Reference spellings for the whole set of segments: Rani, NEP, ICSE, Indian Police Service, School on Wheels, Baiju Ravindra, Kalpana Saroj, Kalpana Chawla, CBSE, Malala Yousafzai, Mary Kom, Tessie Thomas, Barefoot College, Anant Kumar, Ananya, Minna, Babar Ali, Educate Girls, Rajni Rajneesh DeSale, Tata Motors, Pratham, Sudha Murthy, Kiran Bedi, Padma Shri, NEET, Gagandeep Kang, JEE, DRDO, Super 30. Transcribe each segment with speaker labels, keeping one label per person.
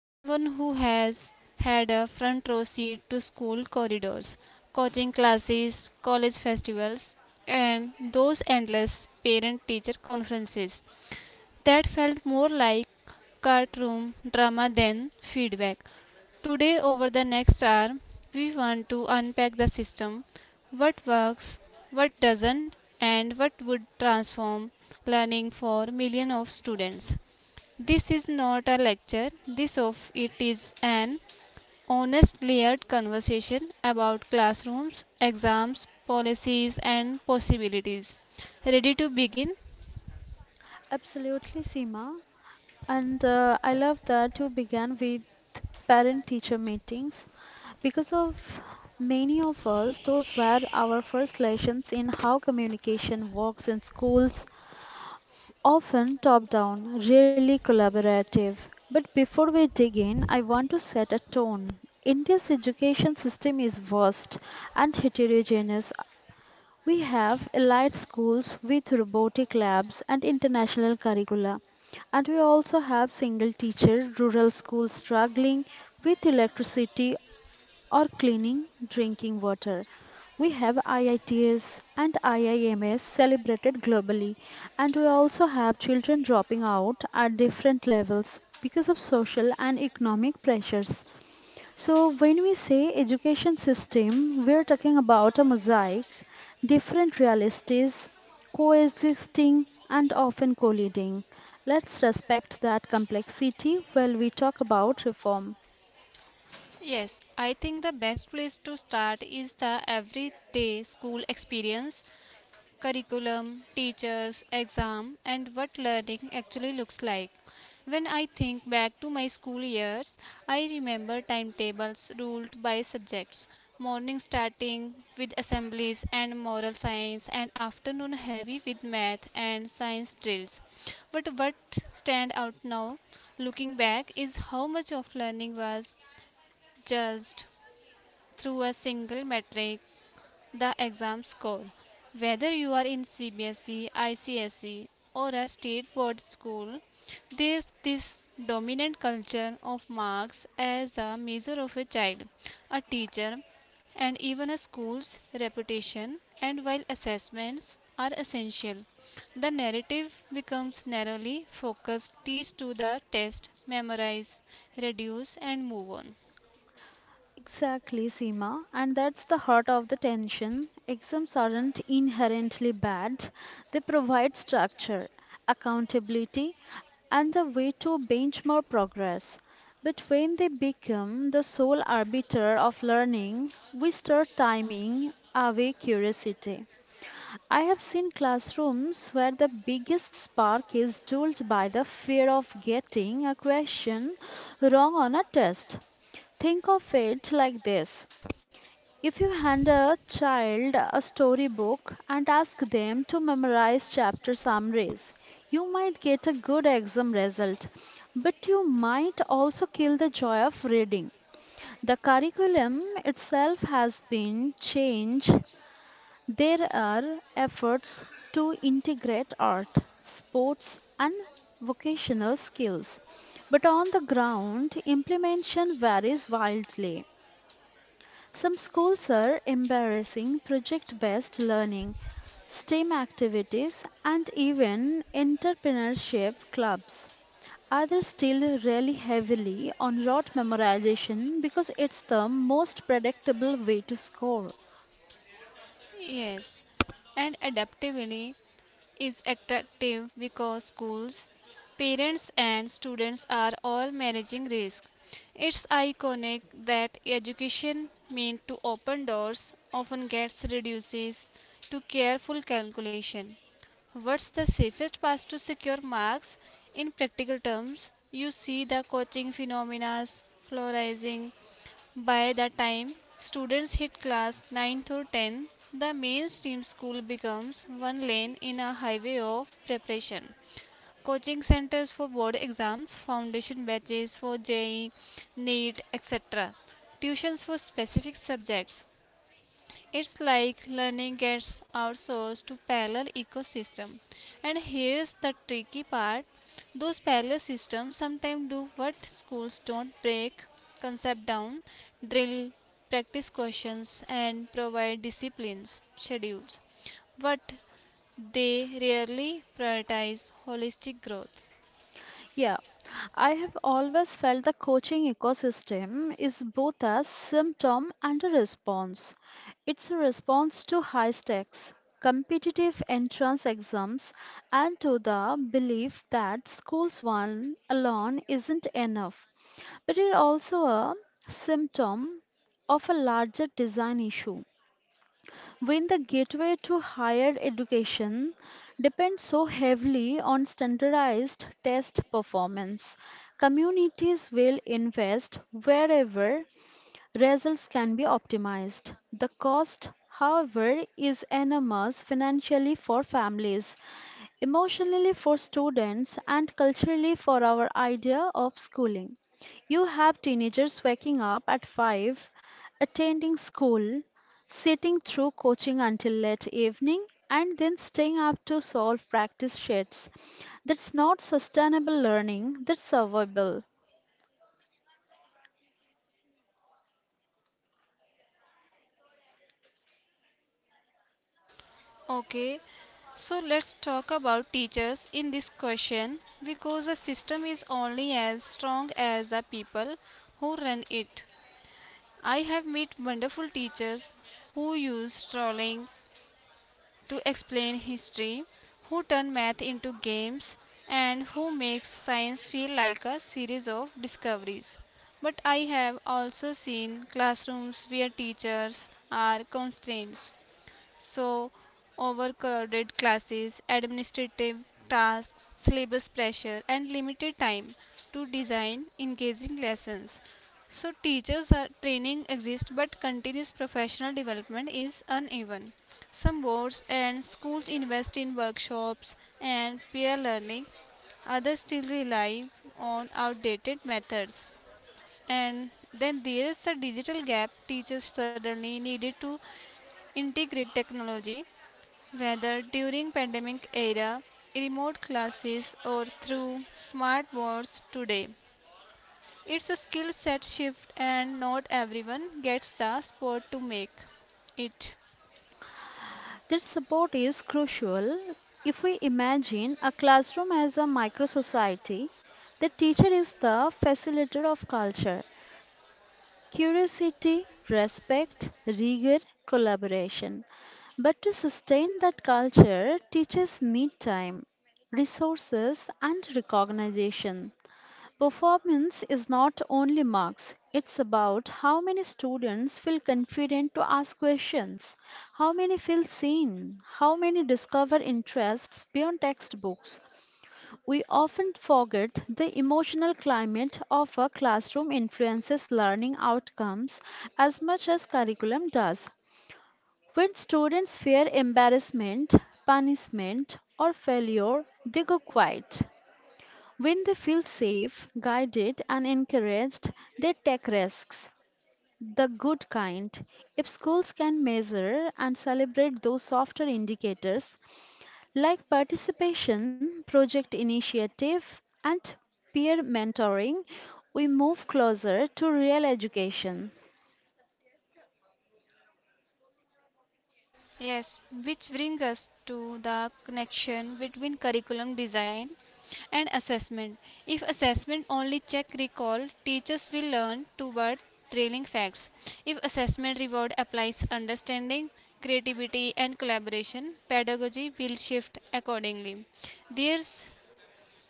Speaker 1: someone who has had a front row seat to school corridors, coaching classes, college festivals, and those endless parent teacher conferences that felt more like courtroom drama than feedback. Today, over the next hour, we want to unpack the system: what works, what doesn't, and what would transform learning for millions of students. This is not a lecture, this of it is an honest, layered conversation about classrooms, exams, policies and possibilities. Ready to begin? Yes, I think the best place to start is the everyday school experience, curriculum, teachers, exam, and what learning actually looks like. When I think back to my school years, I remember timetables ruled by subjects. Morning starting with assemblies and moral science, and afternoon heavy with math and science drills. But what stand out now, looking back, is how much of learning was judged through a single metric, the exam score. Whether you are in CBSE, ICSE, or a state board school, there's this dominant culture of marks as a measure of a child, a teacher, and even a school's reputation. And while assessments are essential, the narrative becomes narrowly focused: teach to the test, memorize, reduce, and move on. Yes, and adaptability is attractive because schools, parents, and students are all managing risk. It's iconic that education meant to open doors often gets reduces to careful calculation. What's the safest path to secure marks? In practical terms, you see the coaching phenomena, fluorizing, by the time students hit class ninth or 10th, the mainstream school becomes one lane in a highway of preparation. Coaching centers for board exams, foundation batches for JEE, NEET, etc. Tuitions for specific subjects, it's like learning gets outsourced to parallel ecosystem. And here's the tricky part. Those parallel systems sometimes do what schools don't: break concept down, drill practice questions and provide disciplines, schedules. But they rarely prioritize holistic growth. Okay, so let's talk about teachers in this question because a system is only as strong as the people who run it. I have met wonderful teachers who use trolling to explain history, who turn math into games, and who make science feel like a series of discoveries. But I have also seen classrooms where teachers are constrained, so overcrowded classes, administrative tasks, syllabus pressure, and limited time to design engaging lessons. So, teachers' are, training exists, but continuous professional development is uneven. Some boards and schools invest in workshops and peer learning, others still rely on outdated methods. And then there is the digital gap, teachers suddenly needed to integrate technology, whether during pandemic era, remote classes or through smart boards today, it's a skill set shift and not everyone gets the spot to make it. Yes, which brings us to the connection between curriculum design and assessment. If assessment only check recall, teachers will learn toward trailing facts. If assessment reward applies understanding, creativity and collaboration, pedagogy will shift accordingly. There's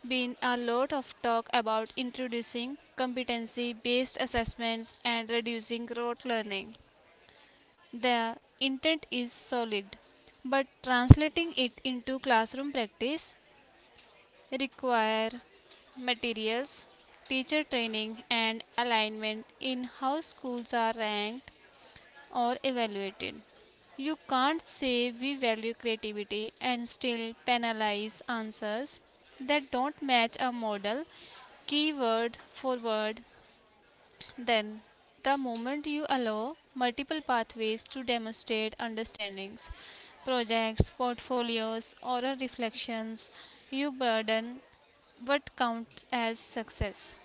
Speaker 1: been a lot of talk about introducing competency based assessments and reducing rote learning. The intent is solid, but translating it into classroom practice require materials, teacher training and alignment in how schools are ranked or evaluated. You can't say we value creativity and still penalize answers that don't match a model keyword for word. Then, the moment you allow multiple pathways to demonstrate understandings, projects, portfolios, oral reflections, you burden what counts as success.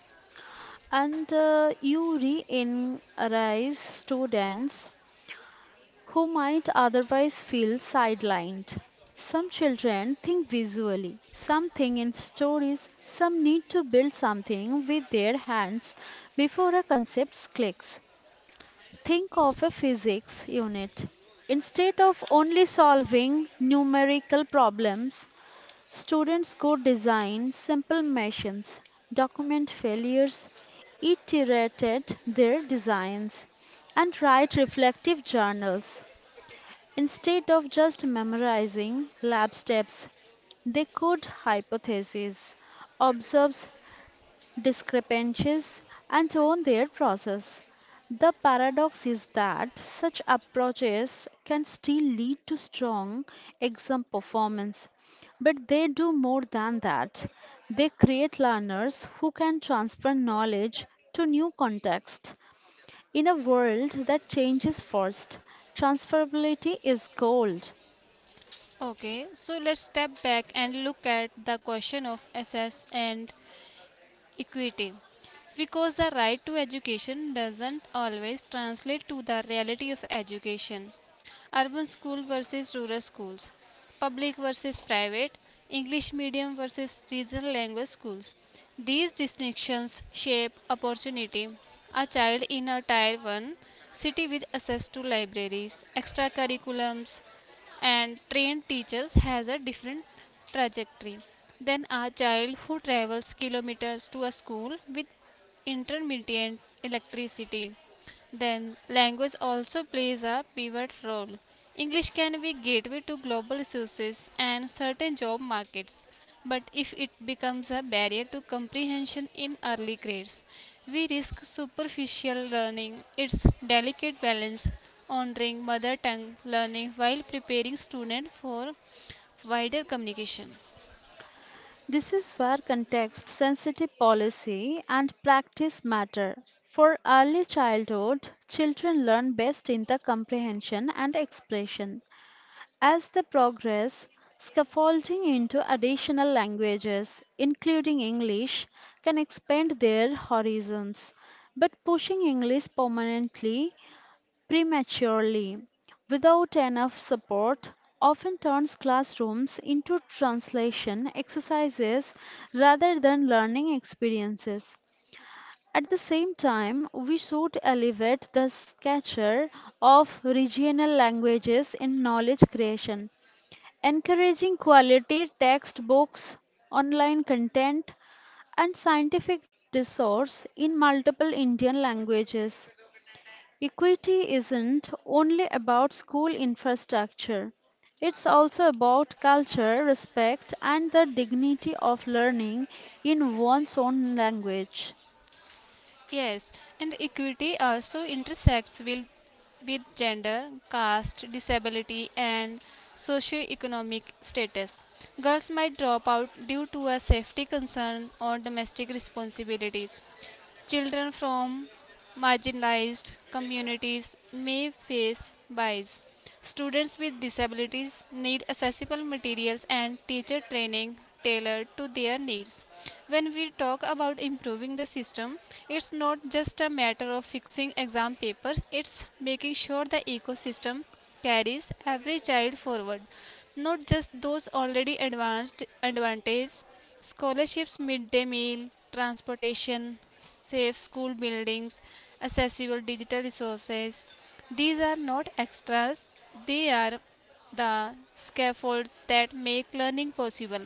Speaker 1: Okay, so let's step back and look at the question of assess and equity, because the right to education doesn't always translate to the reality of education. Urban school versus rural schools, public versus private, English medium versus regional language schools, these distinctions shape opportunity. A child in a tier 1 city with access to libraries, extracurriculums and trained teachers has a different trajectory than a child who travels kilometers to a school with intermittent electricity. Then, language also plays a pivot role. English can be gateway to global resources and certain job markets, but if it becomes a barrier to comprehension in early grades, we risk superficial learning. Its delicate balance, honoring mother tongue learning while preparing students for wider communication. Yes, and equity also intersects with gender, caste, disability, and socio-economic status. Girls might drop out due to a safety concern or domestic responsibilities. Children from marginalized communities may face bias. Students with disabilities need accessible materials and teacher training tailored to their needs. When we talk about improving the system, it's not just a matter of fixing exam papers, it's making sure the ecosystem carries every child forward, not just those already advanced advantage. Scholarships, midday meal, transportation, safe school buildings, accessible digital resources. These are not extras, they are the scaffolds that make learning possible.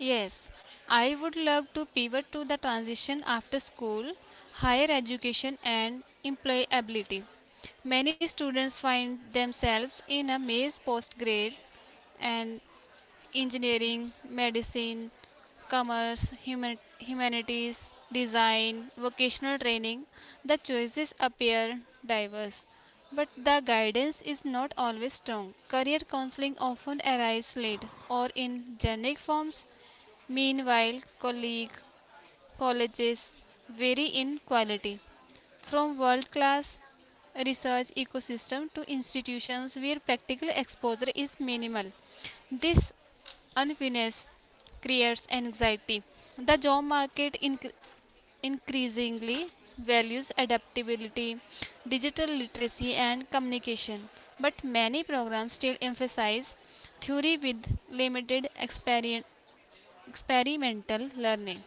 Speaker 1: Yes, I would love to pivot to the transition after school, higher education, and employability. Many students find themselves in a maze post grade, and engineering, medicine, commerce, human, humanities, design, vocational training, the choices appear diverse. But the guidance is not always strong. Career counseling often arrives late or in generic forms. Meanwhile, colleague colleges vary in quality. From world class research ecosystem to institutions where practical exposure is minimal. This unfairness creates anxiety. The job market increasingly values adaptability, digital literacy, and communication, but many programs still emphasize theory with limited experien- experimental learning.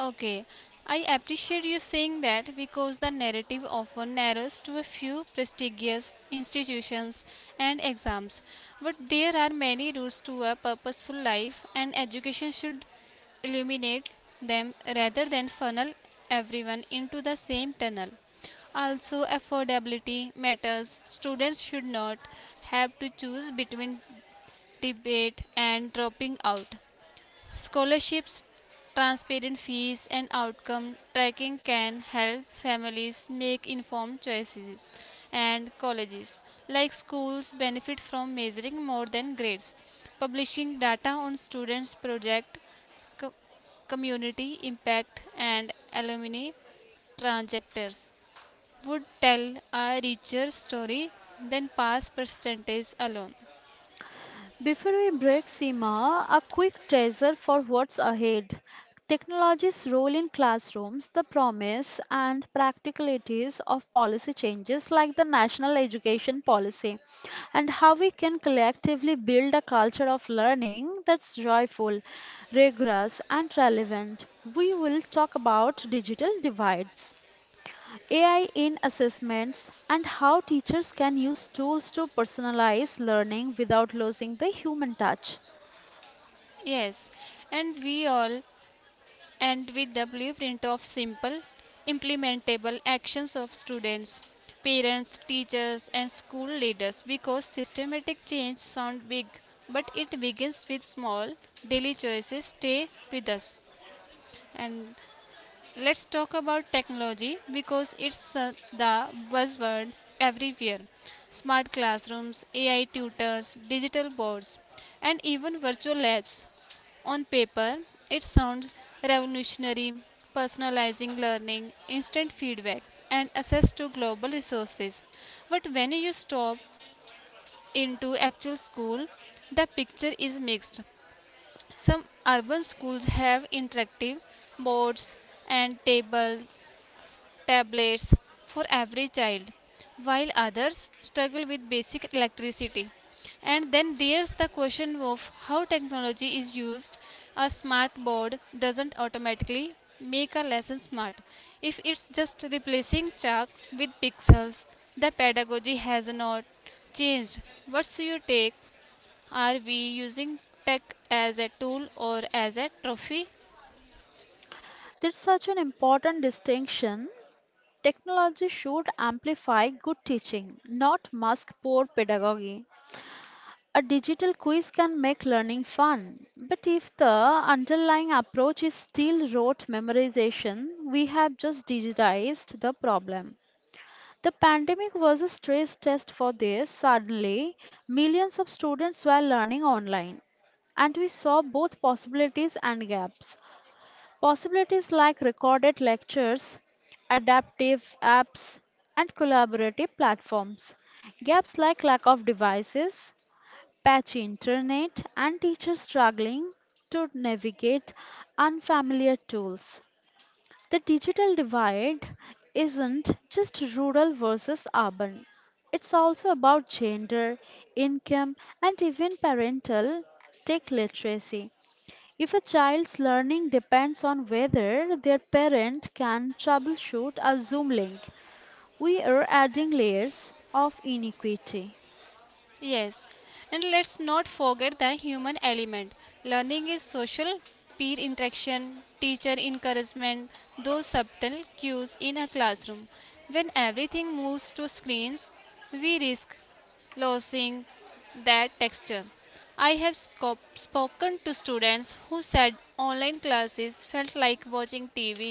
Speaker 1: Okay, I appreciate you saying that because the narrative often narrows to a few prestigious institutions and exams. But there are many routes to a purposeful life, and education should illuminate them rather than funnel everyone into the same tunnel. Also, affordability matters. Students should not have to choose between debate and dropping out. Scholarships, transparent fees, and outcome tracking can help families make informed choices. And colleges, like schools, benefit from measuring more than grades, publishing data on students' project, co- community impact, and alumni trajectories would tell a richer story than past percentage alone. Yes, and we all and with the blueprint of simple, implementable actions of students, parents, teachers, and school leaders because systematic change sounds big, but it begins with small daily choices. Stay with us. And let's talk about technology, because it's the buzzword everywhere. Smart classrooms, AI tutors, digital boards, and even virtual labs on paper, it sounds revolutionary, personalizing learning, instant feedback, and access to global resources. But when you stop into actual school, the picture is mixed. Some urban schools have interactive boards and tables tablets for every child, while others struggle with basic electricity. And then there's the question of how technology is used. A smart board doesn't automatically make a lesson smart. If it's just replacing chalk with pixels, the pedagogy has not changed. What's your take? Are we using tech as a tool or as a trophy? Yes, and let's not forget the human element. Learning is social, peer interaction, teacher encouragement, those subtle cues in a classroom. When everything moves to screens, we risk losing that texture. I have spoken to students who said online classes felt like watching TV,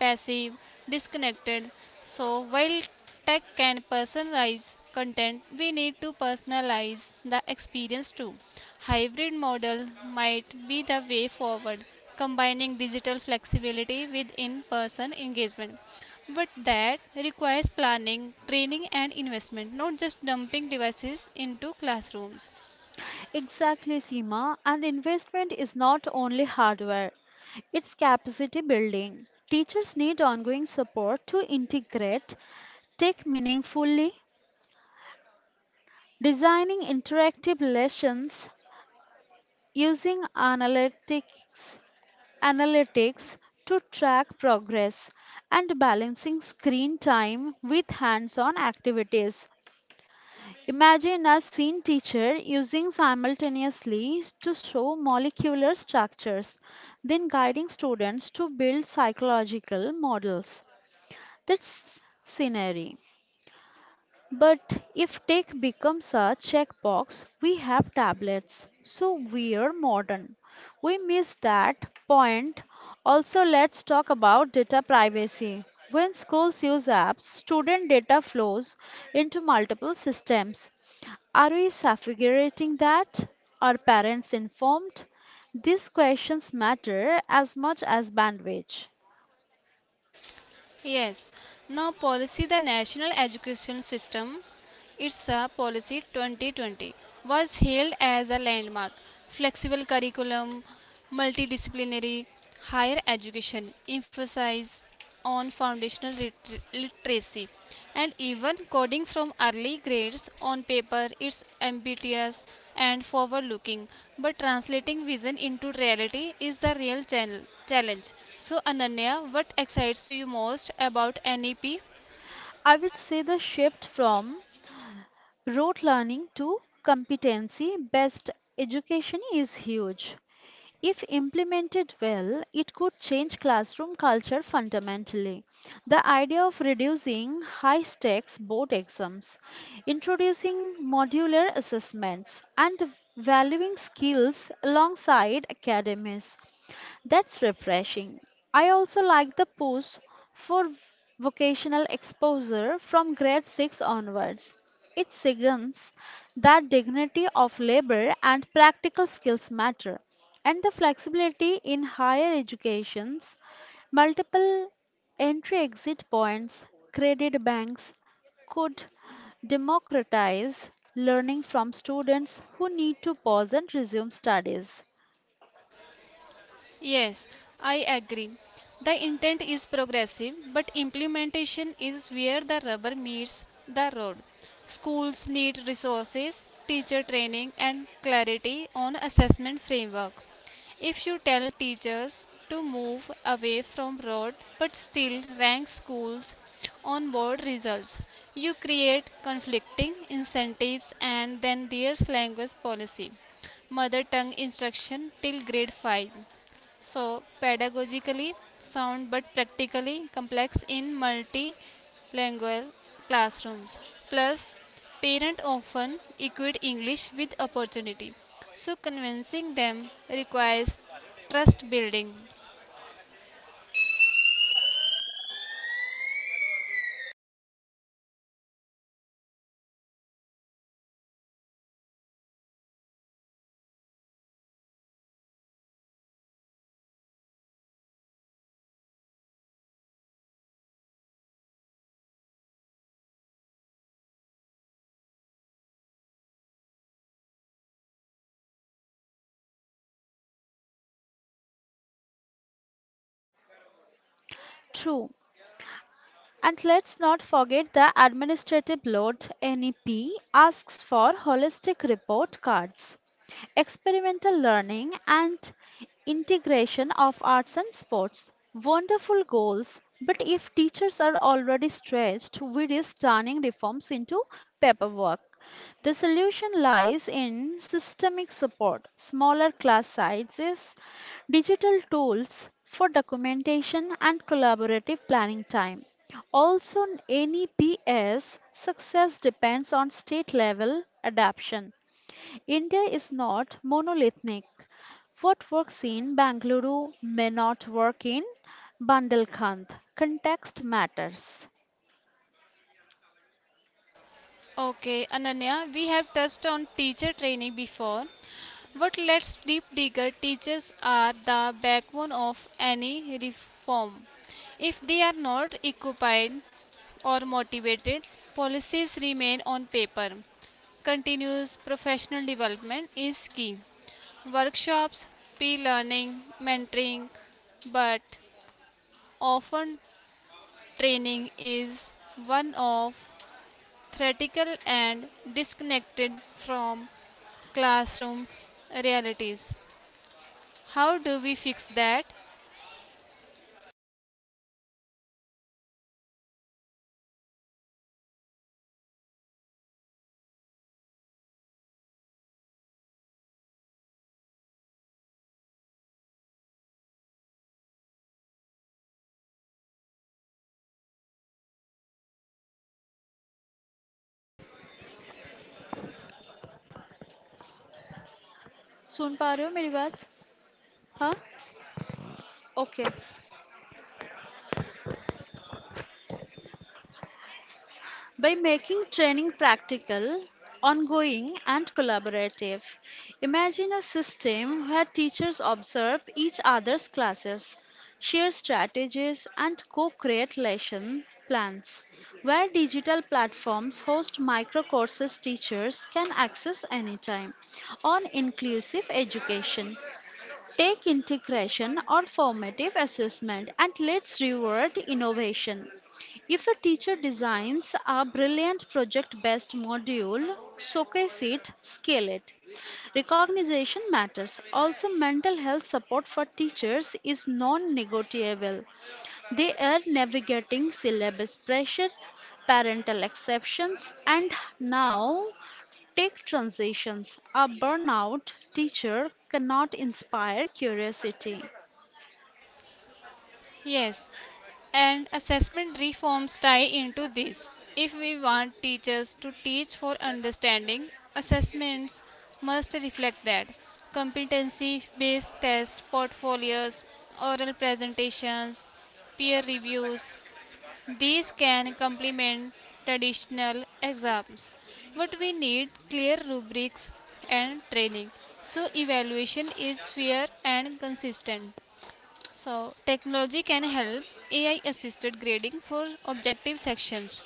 Speaker 1: passive, disconnected. So, while tech can personalize content, we need to personalize the experience too. Hybrid model might be the way forward, combining digital flexibility with in person engagement. But that requires planning, training, and investment, not just dumping devices into classrooms. Yes, now policy the national education system ITSA policy 2020 was hailed as a landmark. Flexible curriculum, multidisciplinary, higher education, emphasize on foundational literacy and even coding from early grades on paper. It's ambitious and forward looking, but translating vision into reality is the real challenge. So Ananya, what excites you most about NEP? Yes, I agree. The intent is progressive, but implementation is where the rubber meets the road. Schools need resources, teacher training, and clarity on assessment framework. If you tell teachers to move away from road but still rank schools on board results, you create conflicting incentives. And then there's language policy, mother tongue instruction till grade 5, so, pedagogically sound but practically complex in multilingual classrooms. Plus, parents often equate English with opportunity. So, convincing them requires trust building. Okay, Ananya, we have touched on teacher training before. What let's deep digger teaches are the backbone of any reform. If they are not equipped or motivated, policies remain on paper. Continuous professional development is key. Workshops, peer learning, mentoring, but often training is one of theoretical and disconnected from classroom realities. How do we fix that?
Speaker 2: सुन पा रहे हो मेरी बात? हाँ. Okay. By making training practical, ongoing, and collaborative, imagine a system where teachers observe each other's classes, share strategies and co-create lesson plans, where digital platforms host micro courses teachers can access anytime on inclusive education. Take integration or formative assessment and let's reward innovation. If a teacher designs a brilliant project based module, showcase it, scale it. Recognition matters. Also, mental health support for teachers is non negotiable. They are navigating syllabus pressure, parental exceptions, and now take transitions. A burnout teacher cannot inspire curiosity.
Speaker 1: Yes, and assessment reforms tie into this. If we want teachers to teach for understanding, assessments must reflect that. Competency based tests, portfolios, oral presentations, peer reviews, these can complement traditional exams. But we need clear rubrics and training so evaluation is fair and consistent. So, technology can help AI assisted grading for objective sections,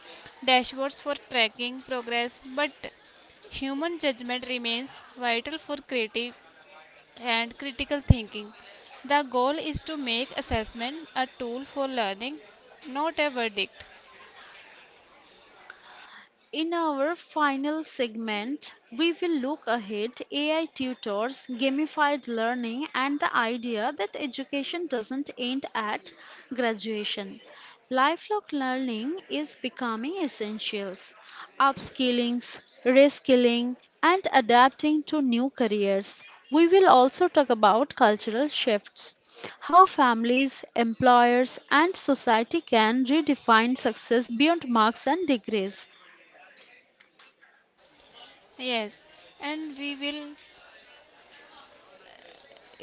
Speaker 1: dashboards for tracking progress, but human judgment remains vital for creative and critical thinking. The goal is to make assessment a tool for learning, not a verdict.
Speaker 2: In our final segment, we will look ahead: AI tutors, gamified learning, and the idea that education doesn't end at graduation. Lifelong learning is becoming essentials. Upskilling, reskilling, and adapting to new careers. We will also talk about cultural shifts: how families, employers, and society can redefine success beyond marks and degrees.
Speaker 1: Yes, and we will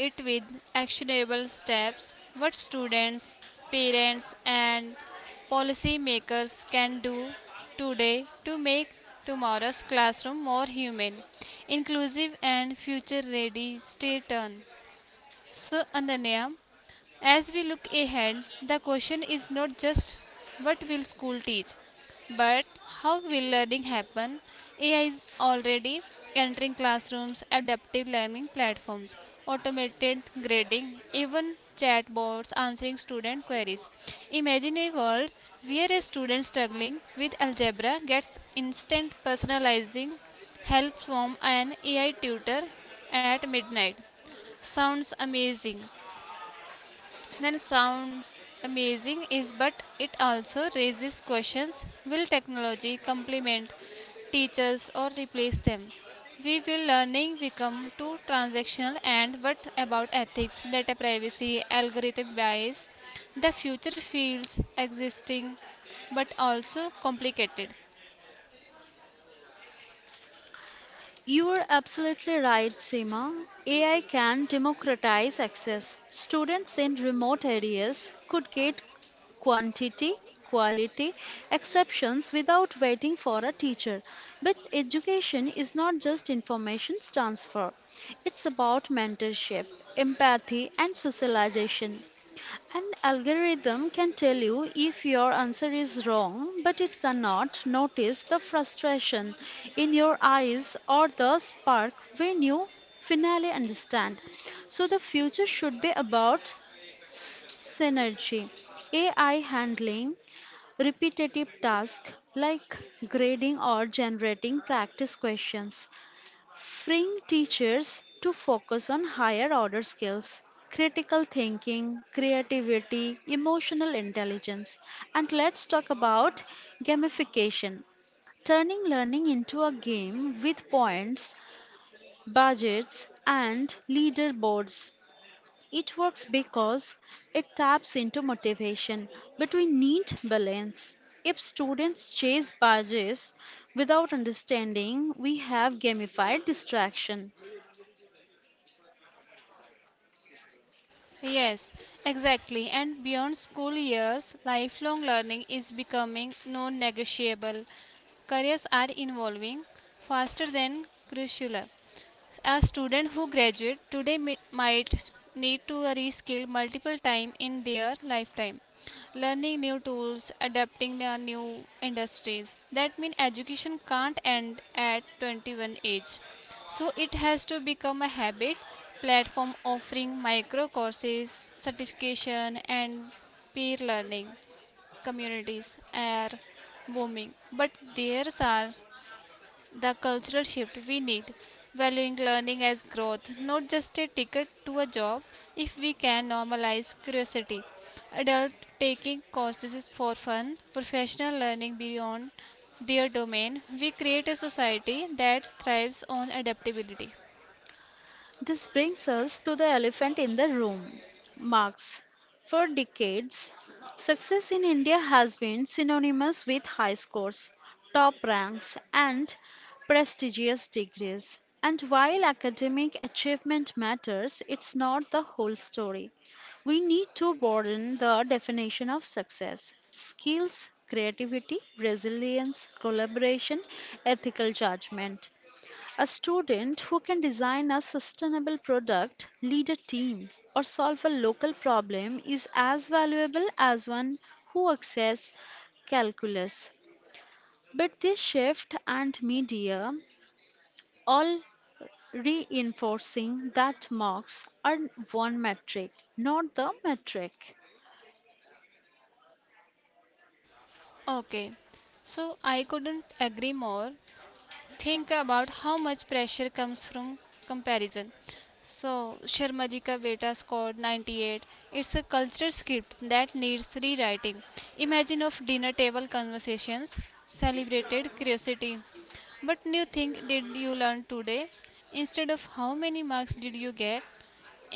Speaker 1: it with actionable steps what students, parents, and policymakers can do today to make tomorrow's classroom more human, inclusive, and future ready. Stay tuned. So, Ananya, as we look ahead, the question is not just what will school teach, but how will learning happen? AI is already entering classrooms, adaptive learning platforms, automated grading, even chatbots answering student queries. Imagine a world where a student struggling with algebra gets instant personalizing help from an AI tutor at midnight. Sounds amazing, then sound amazing is but it also raises questions will technology complement teachers or replace them? We will learning become too transactional and what about ethics, data privacy, algorithm bias? The future feels existing but also complicated.
Speaker 2: You are absolutely right, Seema. AI can democratize access. Students in remote areas could get quantity, quality, exceptions without waiting for a teacher. But education is not just information transfer, it's about mentorship, empathy, and socialization. An algorithm can tell you if your answer is wrong, but it cannot notice the frustration in your eyes or the spark when you finally understand. So, the future should be about synergy. AI handling repetitive tasks like grading or generating practice questions, freeing teachers to focus on higher order skills, critical thinking, creativity, emotional intelligence. And let's talk about gamification, turning learning into a game with points, budgets, and leaderboards. It works because it taps into motivation, but we need balance. If students chase badges without understanding, we have gamified distraction.
Speaker 1: Yes, exactly. And beyond school years, lifelong learning is becoming non negotiable. Careers are evolving faster than curricula. A student who graduate today might need to reskill multiple times in their lifetime. Learning new tools, adapting to new industries. That means education can't end at 21 age. So it has to become a habit platform offering micro courses, certification and peer learning communities are booming. But there are the cultural shift we need, valuing learning as growth, not just a ticket to a job, if we can normalize curiosity. Adult taking courses for fun, professional learning beyond their domain, we create a society that thrives on adaptability.
Speaker 2: This brings us to the elephant in the room: marks. For decades, success in India has been synonymous with high scores, top ranks, and prestigious degrees. And while academic achievement matters, it's not the whole story. We need to broaden the definition of success: skills, creativity, resilience, collaboration, ethical judgment. A student who can design a sustainable product, lead a team, or solve a local problem is as valuable as one who accesses calculus. But this shift and media all reinforcing that marks are one metric, not the metric.
Speaker 1: Okay, so I couldn't agree more. Think about how much pressure comes from comparison. So, Sharma ji ka beta scored 98. It's a culture script that needs rewriting. Imagine of dinner table conversations, celebrated curiosity. But new thing did you learn today? Instead of how many marks did you get,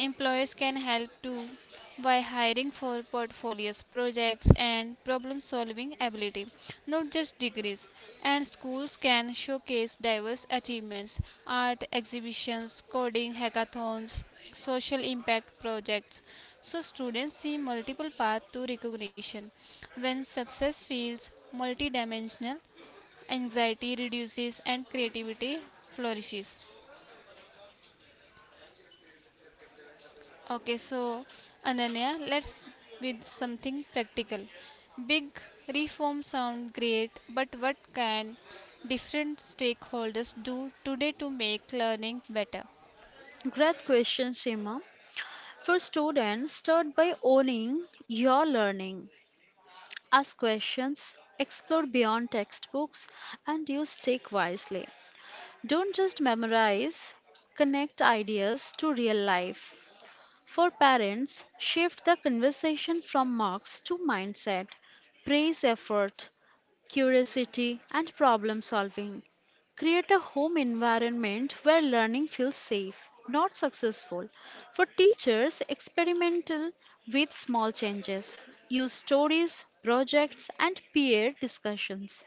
Speaker 1: employers can help too by hiring for portfolios, projects, and problem solving ability, not just degrees. And schools can showcase diverse achievements, art exhibitions, coding hackathons, social impact projects, so students see multiple paths to recognition. When success feels multidimensional, anxiety reduces and creativity flourishes. Okay, so Ananya, let's with something practical. Big reforms sound great, but what can different stakeholders do today to make learning better?
Speaker 2: Great question, Seema. For students, start by owning your learning. Ask questions, explore beyond textbooks, and use tech wisely. Don't just memorize, connect ideas to real life. For parents, shift the conversation from marks to mindset. Praise effort, curiosity, and problem solving. Create a home environment where learning feels safe, not successful. For teachers, experimental with small changes. Use stories, projects, and peer discussions,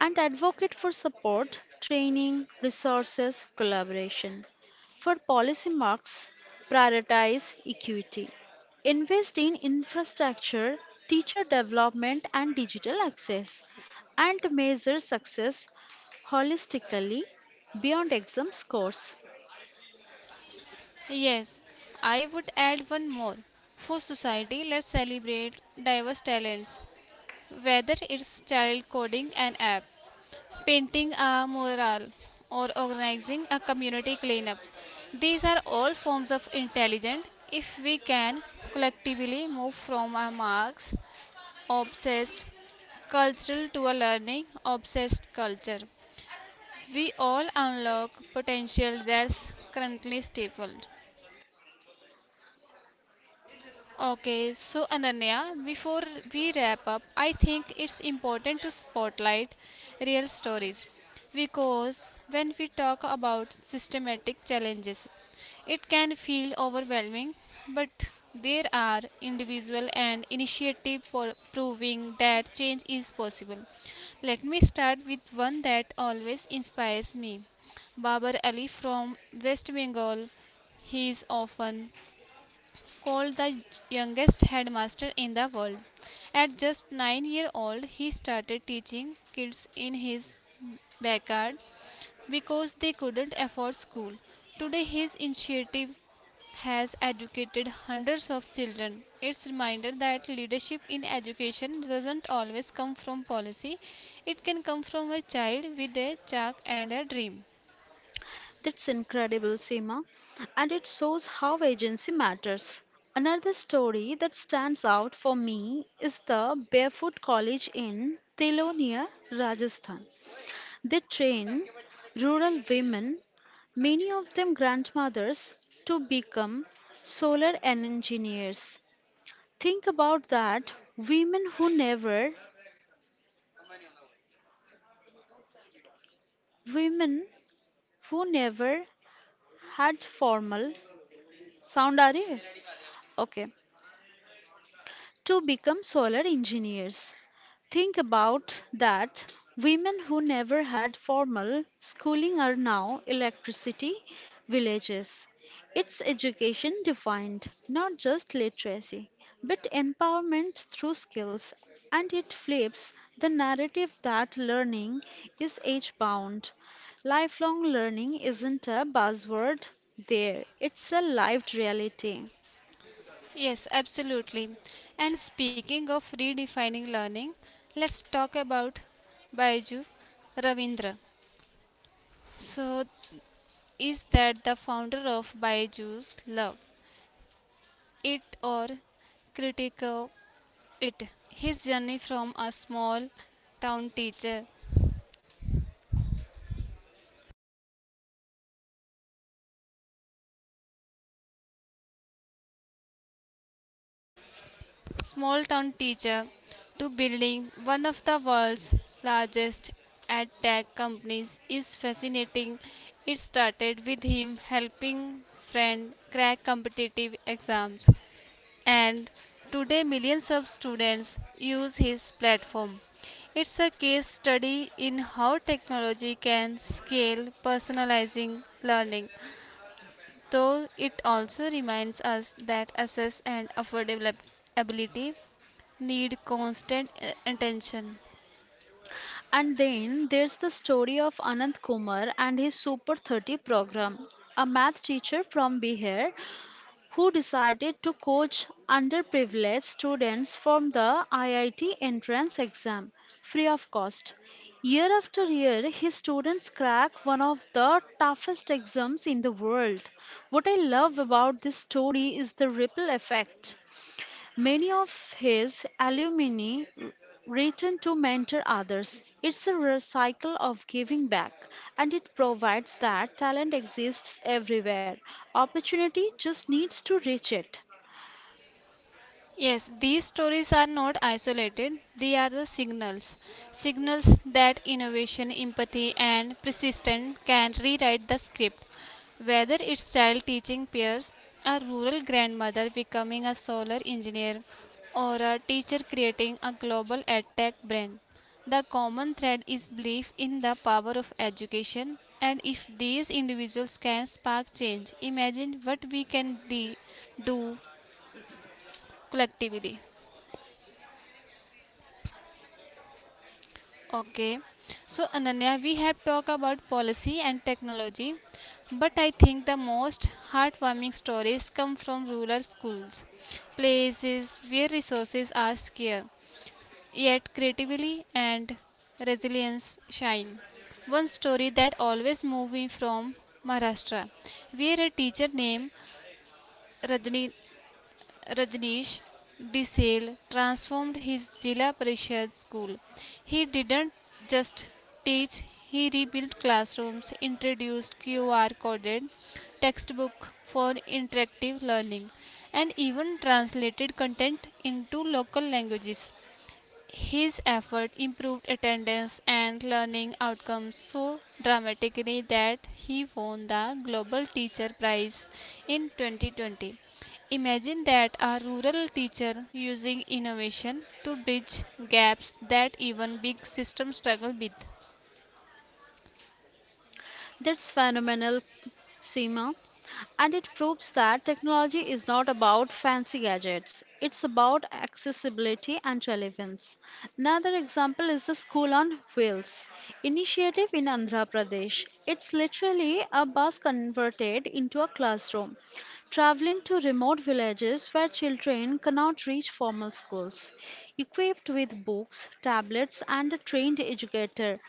Speaker 2: and advocate for support, training, resources, collaboration. For policy marks, prioritize equity. Invest in infrastructure, teacher development, and digital access, and measure success holistically beyond exam scores.
Speaker 1: Yes, I would add one more. For society, let's celebrate diverse talents, whether it's child coding an app painting a mural, or organizing a community cleanup. These are all forms of intelligence if we can collectively move from a Marx obsessed culture to a learning obsessed culture. We all unlock potential that's currently stifled. Okay, so Ananya, before we wrap up, I think it's important to spotlight real stories because when we talk about systematic challenges, it can feel overwhelming, but there are individual and initiative for proving that change is possible. Let me start with one that always inspires me. Babar Ali from West Bengal. He is often called the youngest headmaster in the world. At just 9 years old, he started teaching kids in his backyard because they couldn't afford school. Today, his initiative has educated hundreds of children. It's a reminder that leadership in education doesn't always come from policy. It can come from a child with a chalk and a dream.
Speaker 2: That's incredible, Seema. And it shows how agency matters. Another story that stands out for me is the Barefoot College in Telonia, Rajasthan. They train rural women, many of them grandmothers, to become solar engineers. Think about that. Women who never had formal sound, are you? Okay. To become solar engineers. Think about that. Women who never had formal schooling are now electricity villages. It's education defined, not just literacy, but empowerment through skills. And it flips the narrative that learning is age bound. Lifelong learning isn't a buzzword there, it's a lived reality.
Speaker 1: Yes, absolutely. And speaking of redefining learning, let's talk about Baiju Ravindra. So, is that the founder of Baiju's Love It or Critico It? His journey from a town teacher small town teacher to building one of the world's largest ad tech companies is fascinating. It started with him helping friend crack competitive exams and today millions of students use his platform. It's a case study in how technology can scale personalizing learning, though it also reminds us that access and affordability need constant attention.
Speaker 2: And then there's the story of Anant Kumar and his Super 30 program, a math teacher from Bihar who decided to coach underprivileged students from the IIT entrance exam free of cost. Year after year, his students crack one of the toughest exams in the world. What I love about this story is the ripple effect. Many of his alumni return to mentor others. It's a rare cycle of giving back, and it provides that talent exists everywhere. Opportunity just needs to reach it.
Speaker 1: Yes, these stories are not isolated, they are the signals. Signals that innovation, empathy, and persistence can rewrite the script. Whether it's child teaching peers, a rural grandmother becoming a solar engineer, or a teacher creating a global edtech brand, the common thread is belief in the power of education. And if these individuals can spark change, imagine what do collectively. Okay, so Ananya, we have talked about policy and technology, but I think the most heartwarming stories come from rural schools, places where resources are scarce, yet creativity and resilience shine. One story that always moved me from Maharashtra, where a teacher named Rajni Rajneesh DeSale transformed his Zilla Parishad school. He didn't just teach, he rebuilt classrooms, introduced QR coded textbook for interactive learning, and even translated content into local languages. His effort improved attendance and learning outcomes so dramatically that he won the Global Teacher Prize in 2020. Imagine that a rural teacher using innovation to bridge gaps that even big systems struggle with.
Speaker 2: That's phenomenal, Seema. And it proves that technology is not about fancy gadgets, it's about accessibility and relevance. Another example is the School on Wheels initiative in Andhra Pradesh. It's literally a bus converted into a classroom, traveling to remote villages where children cannot reach formal schools. Equipped with books, tablets, and a trained educator,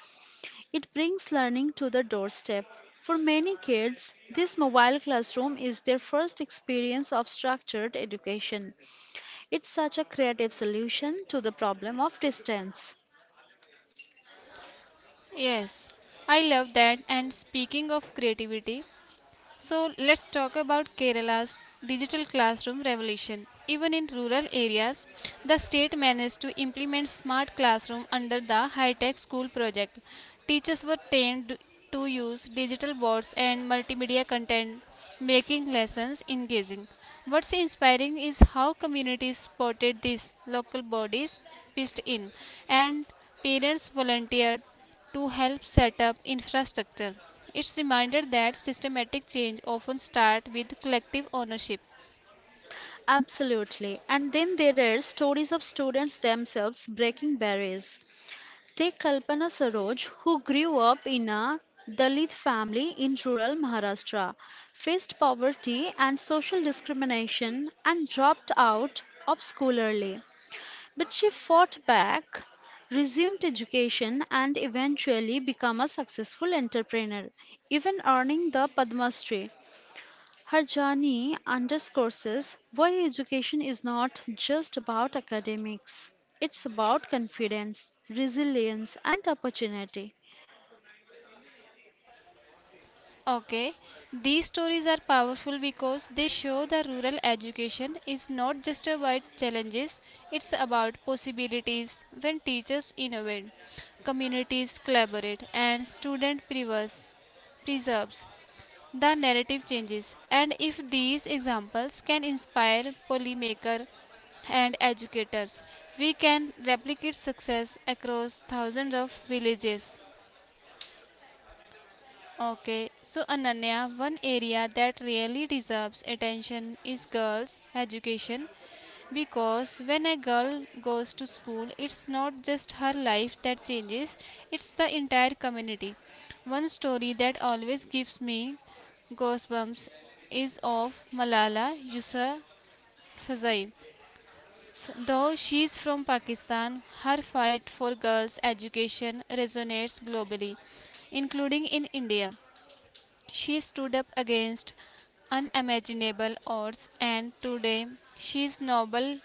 Speaker 2: it brings learning to the doorstep. For many kids, this mobile classroom is their first experience of structured education. It's such a creative solution to the problem of distance.
Speaker 1: Yes, I love that. And speaking of creativity, so let's talk about Kerala's digital classroom revolution. Even in rural areas, the state managed to implement smart classroom under the high-tech school project. Teachers were trained to use digital boards and multimedia content, making lessons engaging. What's inspiring is how communities spotted this, local bodies pitched in, and parents volunteered to help set up infrastructure. It's reminder that systematic change often starts with collective ownership.
Speaker 2: Absolutely. And then there are stories of students themselves breaking barriers. Take Kalpana Saroj, who grew up in a Dalit family in rural Maharashtra, faced poverty and social discrimination, and dropped out of school early. But she fought back, resumed education, and eventually became a successful entrepreneur, even earning the Padma Shri. Her journey underscores why education is not just about academics, it's about confidence, resilience, and opportunity.
Speaker 1: Okay, these stories are powerful because they show that rural education is not just about challenges, it's about possibilities when teachers innovate, communities collaborate, and student preserves. The narrative changes and if these examples can inspire policymakers and educators we can replicate success across thousands of villages. Okay, so Ananya, one area that really deserves attention is girls education because when a girl goes to school, it's not just her life that changes, it's the entire community. One story that always gives me goosebumps is of Malala Yousafzai. Though she's from Pakistan, her fight for girls' education resonates globally, including in India. She stood up against unimaginable odds, and today she's Nobel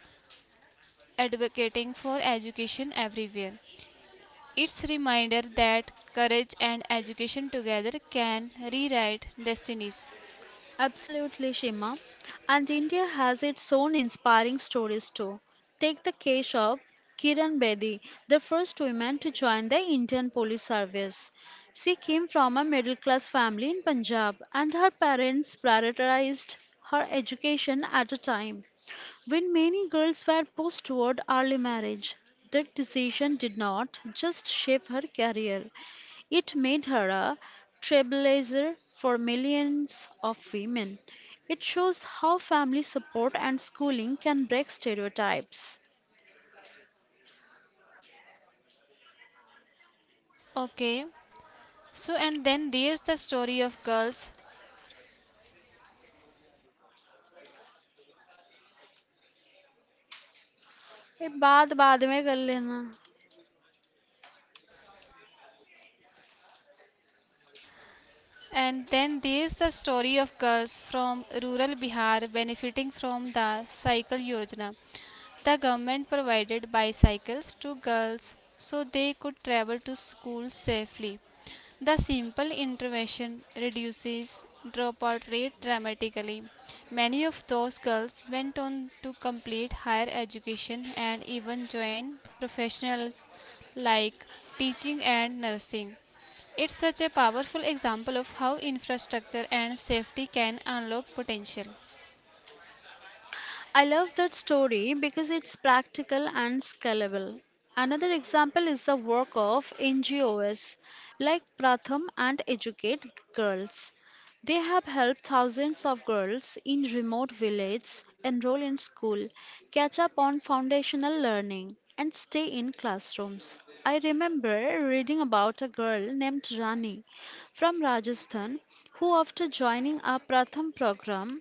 Speaker 1: advocating for education everywhere. It's a reminder that courage and education together can rewrite destinies.
Speaker 2: Absolutely, Shima. And India has its own inspiring stories too. Take the case of Kiran Bedi, the first woman to join the Indian Police Service. She came from a middle class family in Punjab, and her parents prioritized her education at a time when many girls were pushed toward early marriage. That decision did not just shape her career, it made her a trailblazer for millions of women. It shows how family support and schooling can break stereotypes.
Speaker 1: Okay. So and then there's the story of girls
Speaker 2: ये बात बाद में कर लेना.
Speaker 1: and then there's the story of girls from rural Bihar benefiting from the cycle yojana. The government provided bicycles to girls so they could travel to school safely. The simple intervention reduces dropout rate dramatically. Many of those girls went on to complete higher education and even join professionals like teaching and nursing. It's such a powerful example of how infrastructure and safety can unlock potential.
Speaker 2: I love that story because it's practical and scalable. Another example is the work of NGOs like Pratham and Educate Girls. They have helped thousands of girls in remote villages enroll in school, catch up on foundational learning, and stay in classrooms. I remember reading about a girl named Rani from Rajasthan who, after joining a Pratham program,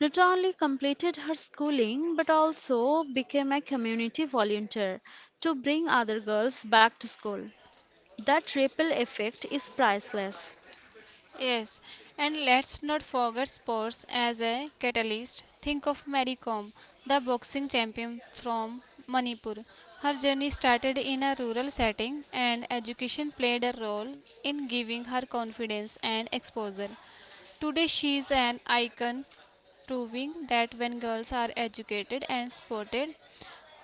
Speaker 2: not only completed her schooling but also became a community volunteer to bring other girls back to school. That ripple effect is priceless.
Speaker 1: Yes, and let's not forget sports as a catalyst. Think of Mary Kom, the boxing champion from Manipur. Her journey started in a rural setting, and education played a role in giving her confidence and exposure. Today, she is an icon, proving that when girls are educated and supported,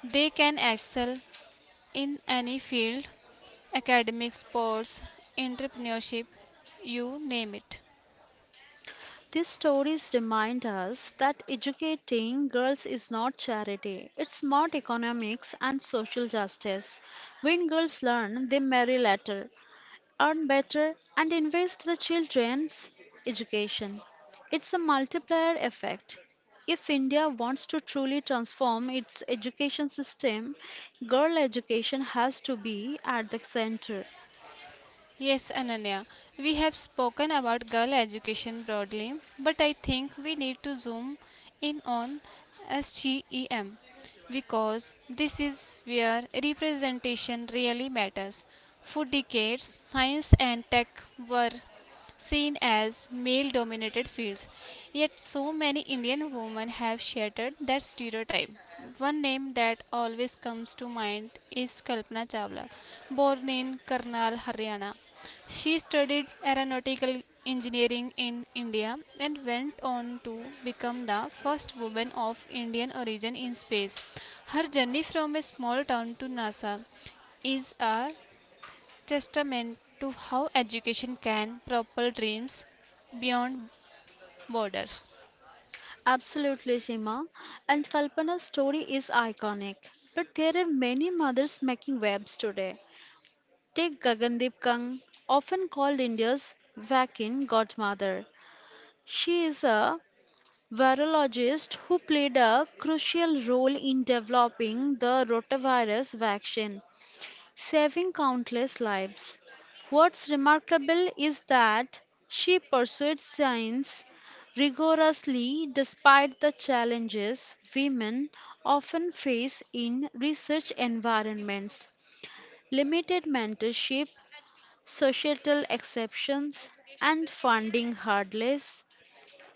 Speaker 1: they can excel in any field academic, sports, entrepreneurship you name it.
Speaker 2: These stories remind us that educating girls is not charity, it's smart economics and social justice. When girls learn, they marry later, earn better, and invest the children's education. It's a multiplier effect. If India wants to truly transform its education system, girl education has to be at the center.
Speaker 1: Yes, Ananya, we have spoken about girl education broadly, but I think we need to zoom in on STEM because this is where representation really matters. For decades, science and tech were seen as male dominated fields. Yet, so many Indian women have shattered that stereotype. One name that always comes to mind is Kalpana Chawla, born in Karnal, Haryana. She studied aeronautical engineering in India and went on to become the first woman of Indian origin in space. Her journey from a small town to NASA is a testament to how education can propel dreams beyond borders.
Speaker 2: Absolutely, Shima. And Kalpana's story is iconic. But there are many mothers making webs today. Take Gagandeep Kang, often called India's Vakin godmother. She is a virologist who played a crucial role in developing the rotavirus vaccine, saving countless lives. What's remarkable is that she pursued science rigorously despite the challenges women often face in research environments: limited mentorship, societal exceptions, and funding hurdles.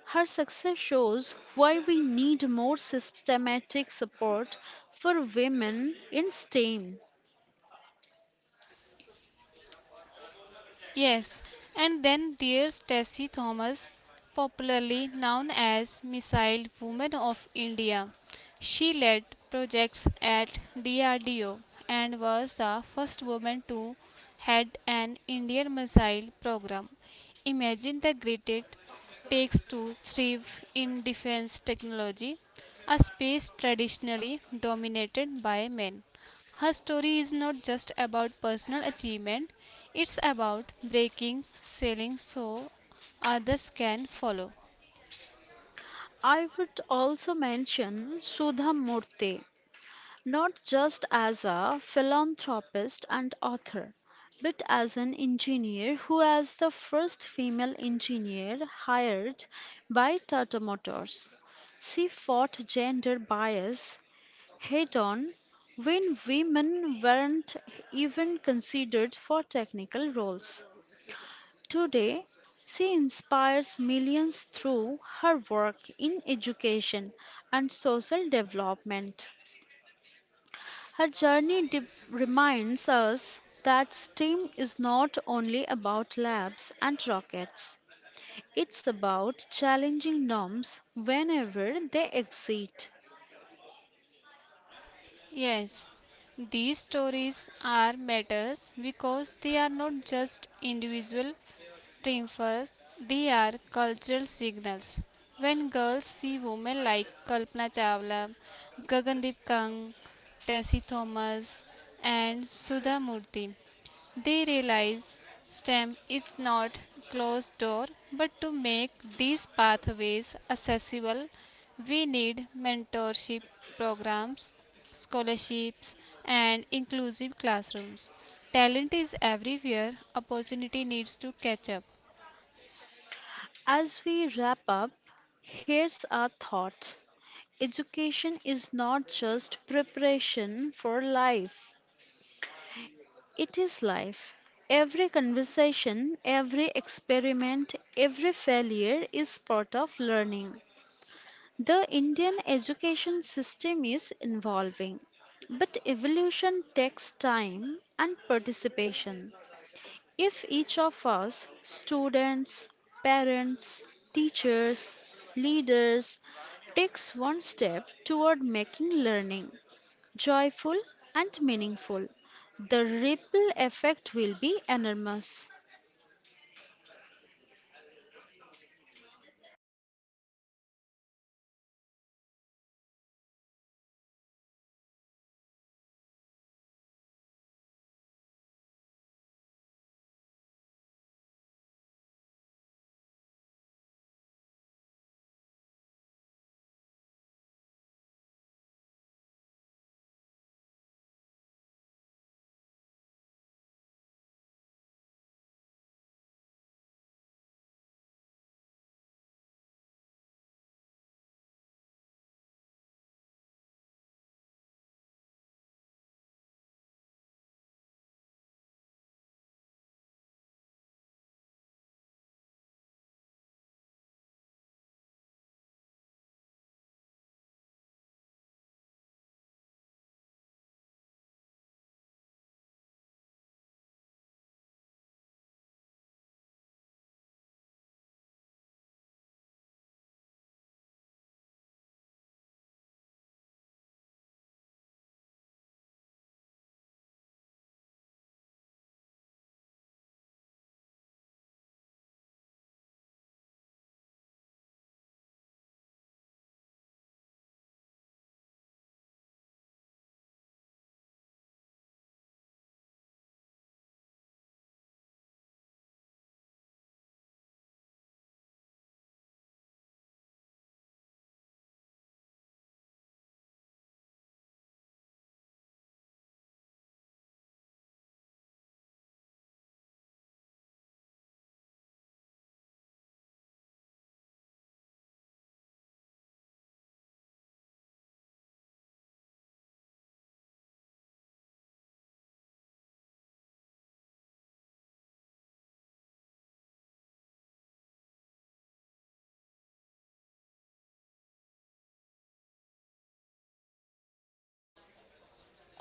Speaker 2: Her success shows why we need more systematic support for women in STEM.
Speaker 1: Yes, and then there's Tessie Thomas, popularly known as Missile Woman of India. She led projects at DRDO and was the first woman to head an Indian missile program. Imagine the grit it takes to thrive in defense technology, a space traditionally dominated by men. Her story is not just about personal achievement, it's about breaking, selling so others can follow.
Speaker 2: I would also mention Sudha Murthy, not just as a philanthropist and author, but as an engineer who was the first female engineer hired by Tata Motors. She fought gender bias head on, when women weren't even considered for technical roles. Today, she inspires millions through her work in education and social development. Her journey reminds us that STEAM is not only about labs and rockets, it's about challenging norms whenever they exist.
Speaker 1: Yes, these stories are matters because they are not just individual triumphs, they are cultural signals. When girls see women like Kalpana Chawla, Gagandeep Kang, Tessie Thomas, and Sudha Murthy, they realize STEM is not closed door, but to make these pathways accessible, we need mentorship programs, scholarships, and inclusive classrooms. Talent is everywhere, opportunity needs to catch up.
Speaker 2: As we wrap up, here's a thought. Education is not just preparation for life, it is life. Every conversation, every experiment, every failure is part of learning. The Indian education system is evolving, but evolution takes time and participation. If each of us, students, parents, teachers, leaders, takes one step toward making learning joyful and meaningful, the ripple effect will be enormous.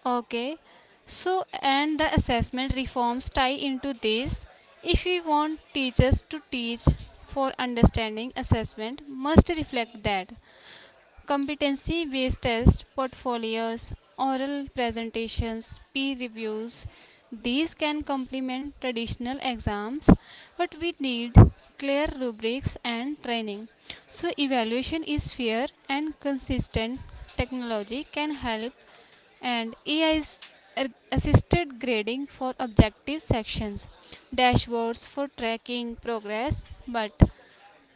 Speaker 1: Okay, so and the assessment reforms tie into this. If we want teachers to teach for understanding assessment, must reflect that competency based tests, portfolios, oral presentations, peer reviews. These can complement traditional exams, but we need clear rubrics and training. So, evaluation is fair and consistent. Technology can help, and AI's assisted grading for objective sections, dashboards for tracking progress, but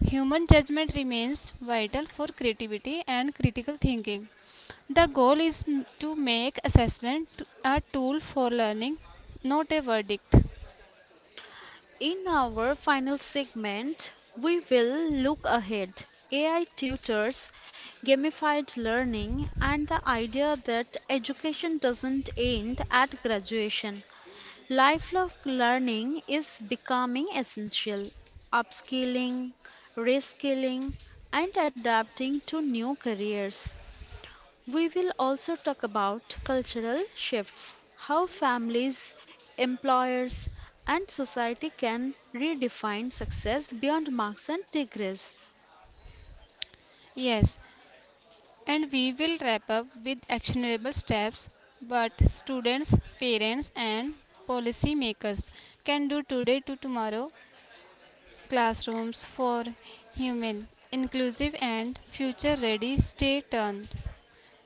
Speaker 1: human judgment remains vital for creativity and critical thinking. The goal is to make a tool for learning, not a verdict.
Speaker 2: In our final segment, we will look ahead. AI tutors, gamified learning, and the idea that education doesn't end at graduation. Lifelong learning is becoming essential. Upskilling, reskilling, and adapting to new careers. We will also talk about cultural shifts, how families, employers, and society can redefine success beyond marks and degrees.
Speaker 1: Yes, and we will wrap up with actionable steps but students, parents, and policymakers can do today to tomorrow classrooms for human, inclusive, and future ready. Stay tuned.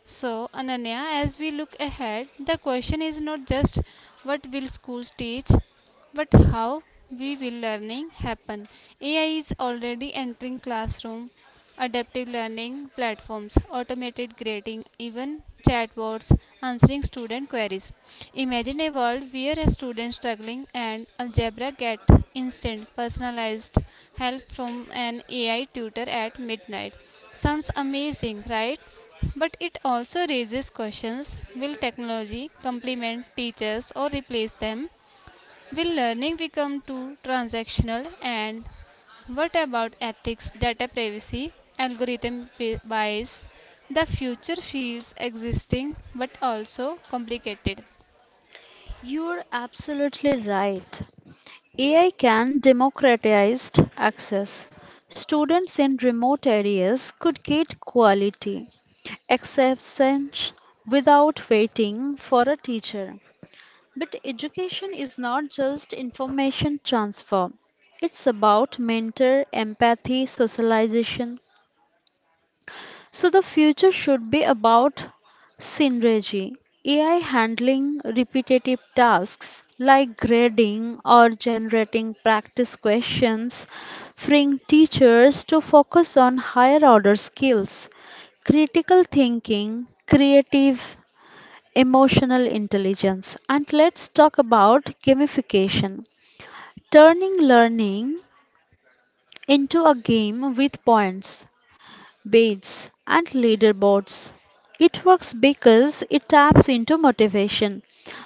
Speaker 1: So, Ananya, as we look ahead, the question is not just what will schools teach, but how we will learning happen. AI is already entering classroom, adaptive learning platforms, automated grading, even chatbots answering student queries. Imagine a world where a student struggling and algebra get instant personalized help from an AI tutor at midnight. Sounds amazing, right? But it also raises questions will technology complement teachers or replace them? Will learning become too transactional? And what about ethics, data privacy, bias? The future feels existing but also complicated.
Speaker 2: You're absolutely right. AI can democratize access. Students in remote areas could get quality exceptions without waiting for a teacher. But education is not just information transfer. It's about mentor, empathy, socialization. So the future should be about synergy. AI handling repetitive tasks like grading or generating practice questions, freeing teachers to focus on higher order skills, critical thinking, creative emotional intelligence. And let's talk about gamification, turning learning into a game with points, badges, and leaderboards. It works because it taps into motivation,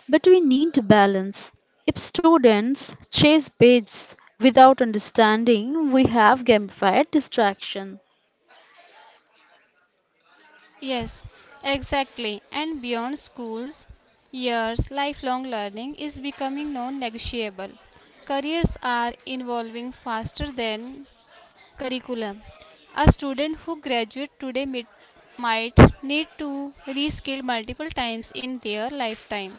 Speaker 2: but we need balance. If students chase badges without understanding, we have gamified distraction.
Speaker 1: Yes, exactly. And beyond schools, years, lifelong learning is becoming non negotiable. Careers are evolving faster than curriculum. A student who graduates today might need to reskill multiple times in their lifetime,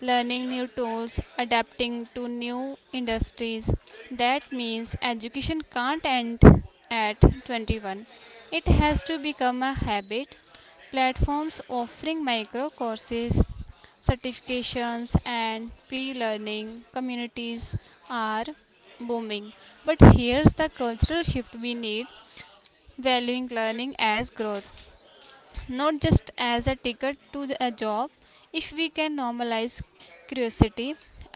Speaker 1: learning new tools, adapting to new industries. That means education can't end at 21. It has to become a habit. Platforms offering micro courses certifications and pre-learning communities are booming, but here's the cultural shift we need, valuing learning as growth, not just as a ticket to a job. If we can normalize curiosity,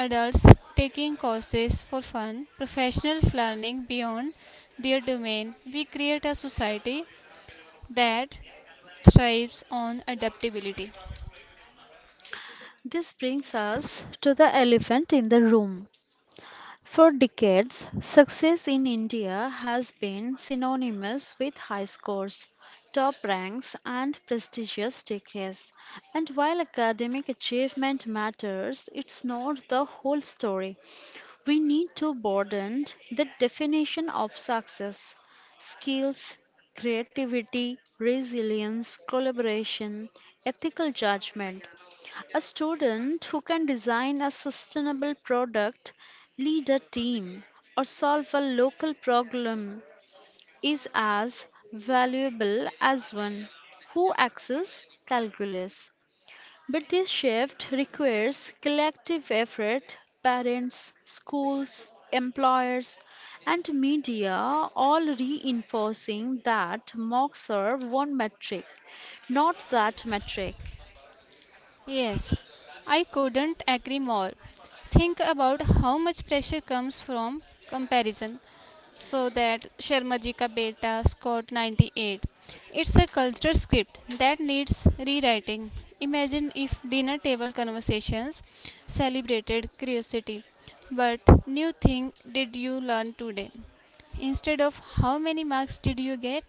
Speaker 1: adults taking courses for fun, professionals learning beyond their domain, we create a society that thrives on adaptability.
Speaker 2: This brings us to the elephant in the room. For decades, success in India has been synonymous with high scores, top ranks, and prestigious degrees. And while academic achievement matters, it's not the whole story. We need to broaden the definition of success. Skills, creativity, resilience, collaboration, ethical judgment, a student who can design a sustainable product, lead a team, or solve a local problem is as valuable as one who axes calculus. But this shift requires collective effort. Parents, schools, employers, and media all reinforcing that mocks are one metric, not that metric.
Speaker 1: Yes, I couldn't agree more. Think about how much pressure comes from comparison. So that Sharma Ji Ka Beta scored 98. It's a culture script that needs rewriting. Imagine if dinner table conversations celebrated curiosity. But new thing did you learn today? Instead of how many marks did you get?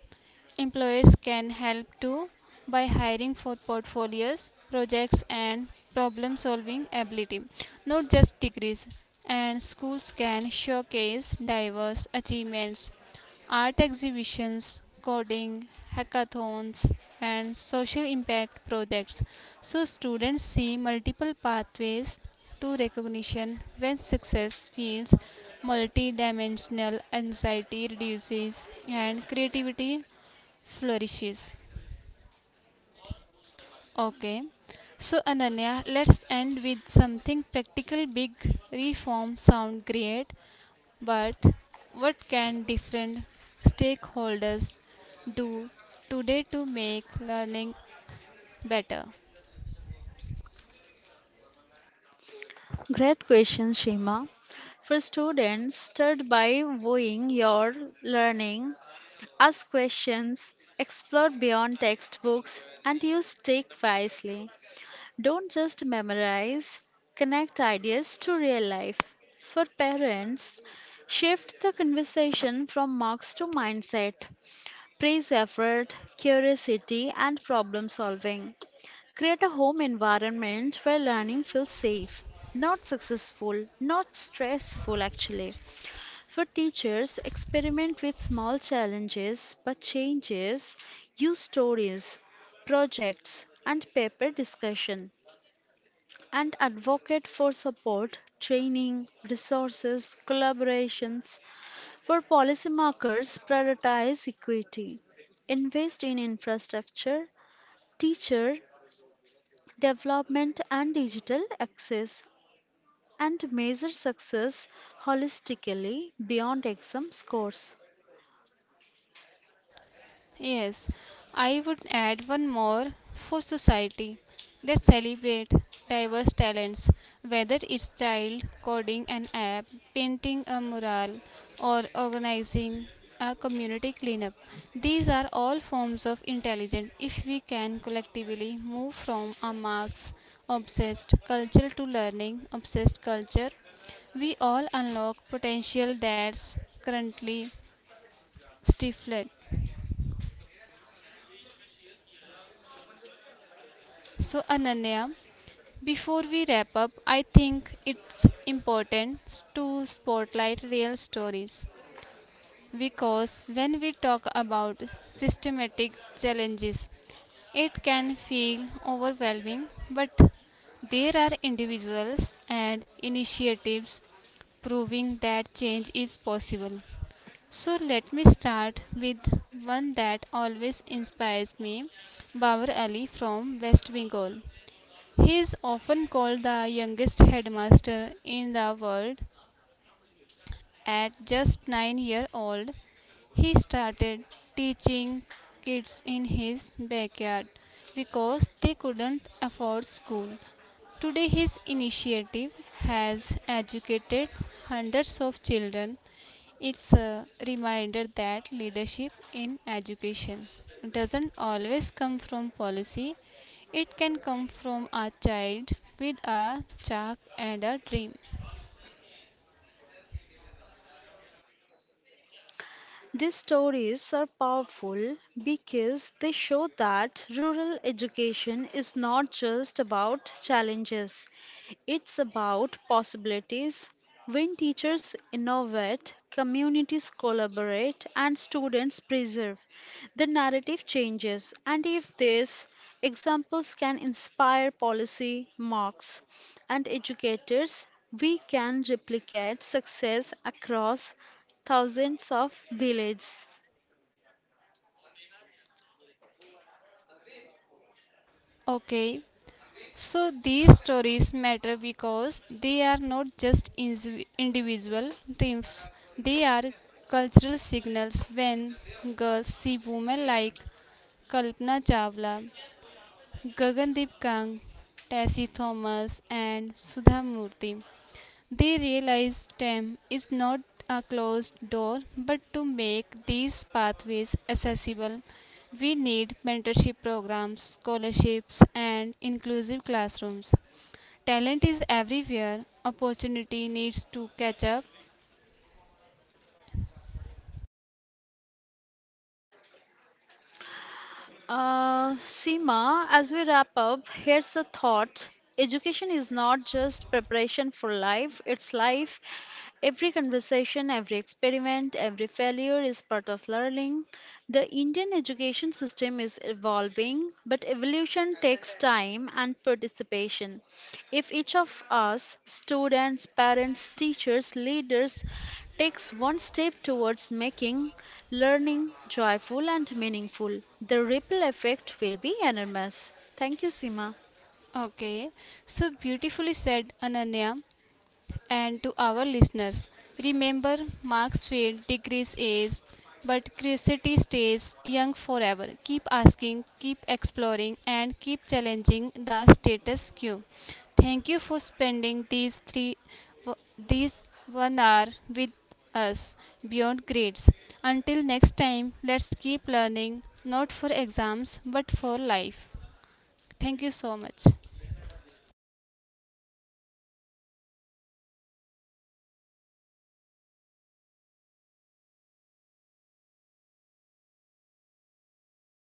Speaker 1: Employers can help too, by hiring for portfolios, projects, and problem solving ability, not just degrees. And schools can showcase diverse achievements, art exhibitions, coding, hackathons, and social impact projects. So, students see multiple pathways to recognition. When success feels multidimensional, anxiety reduces and creativity flourishes. Okay. So Ananya, let's end with something practical. Big reform sound great, but what can different stakeholders do today to make learning better?
Speaker 2: Great question, Shima. For students, start by viewing your learning, ask questions, explore beyond textbooks, and use tech wisely. Don't just memorize, connect ideas to real life. For parents, shift the conversation from marks to mindset. Praise effort, curiosity, and problem solving. Create a home environment where learning feels safe, not successful, not stressful actually. For teachers, experiment with small challenges but changes. Use stories, projects, and paper discussion, and advocate for support, training, resources, collaborations. For policymakers, prioritize equity. Invest in infrastructure, teacher development and digital access, and measure success holistically beyond exam scores.
Speaker 1: Yes, I would add one more for society. Let's celebrate diverse talents, whether it's child coding an app, painting a mural, or organizing a community cleanup. These are all forms of intelligence. If we can collectively move from a marks obsessed culture to learning obsessed culture, we all unlock potential that's currently stifled. So, Ananya, before we wrap up, I think it's important to spotlight real stories, because when we talk about systematic challenges, it can feel overwhelming, but there are individuals and initiatives proving that change is possible. So let me start with one that always inspires me, Bawar Ali from West Bengal. He is often called the youngest headmaster in the world. At just 9 years old, he started teaching kids in his backyard because they couldn't afford school. Today, his initiative has educated hundreds of children. It's a reminder that leadership in education doesn't always come from policy, it can come from a child with a chalk and a dream.
Speaker 2: These stories are powerful because they show that rural education is not just about challenges, it's about possibilities. When teachers innovate, communities collaborate, and students preserve, the narrative changes. And if these examples can inspire policy marks and educators, we can replicate success across thousands of villages.
Speaker 1: Okay, so these stories matter because they are not just individual dreams, they are cultural signals. When girls see women like Kalpana Chawla, Gagandeep Kang, Tessie Thomas, and Sudha Murthy, they realize STEM is not a closed door, but to make these pathways accessible, we need mentorship programs, scholarships, and inclusive classrooms. Talent is everywhere, opportunity needs to catch up.
Speaker 2: Seema, as we wrap up, here's a thought. Education is not just preparation for life, it's life. Every conversation, every experiment, every failure is part of learning. The Indian education system is evolving, but evolution takes time and participation. If each of us, students, parents, teachers, leaders, takes one step towards making learning joyful and meaningful, the ripple effect will be enormous. Thank you, Sima.
Speaker 1: Okay, so beautifully said, Ananya. And to our listeners, remember marks fade, degrees age, but curiosity stays young forever. Keep asking, keep exploring, and keep challenging the status quo. Thank you for spending w- these 1 hour with us beyond grades. Until next time, let's keep learning, not for exams, but for life. Thank you so much.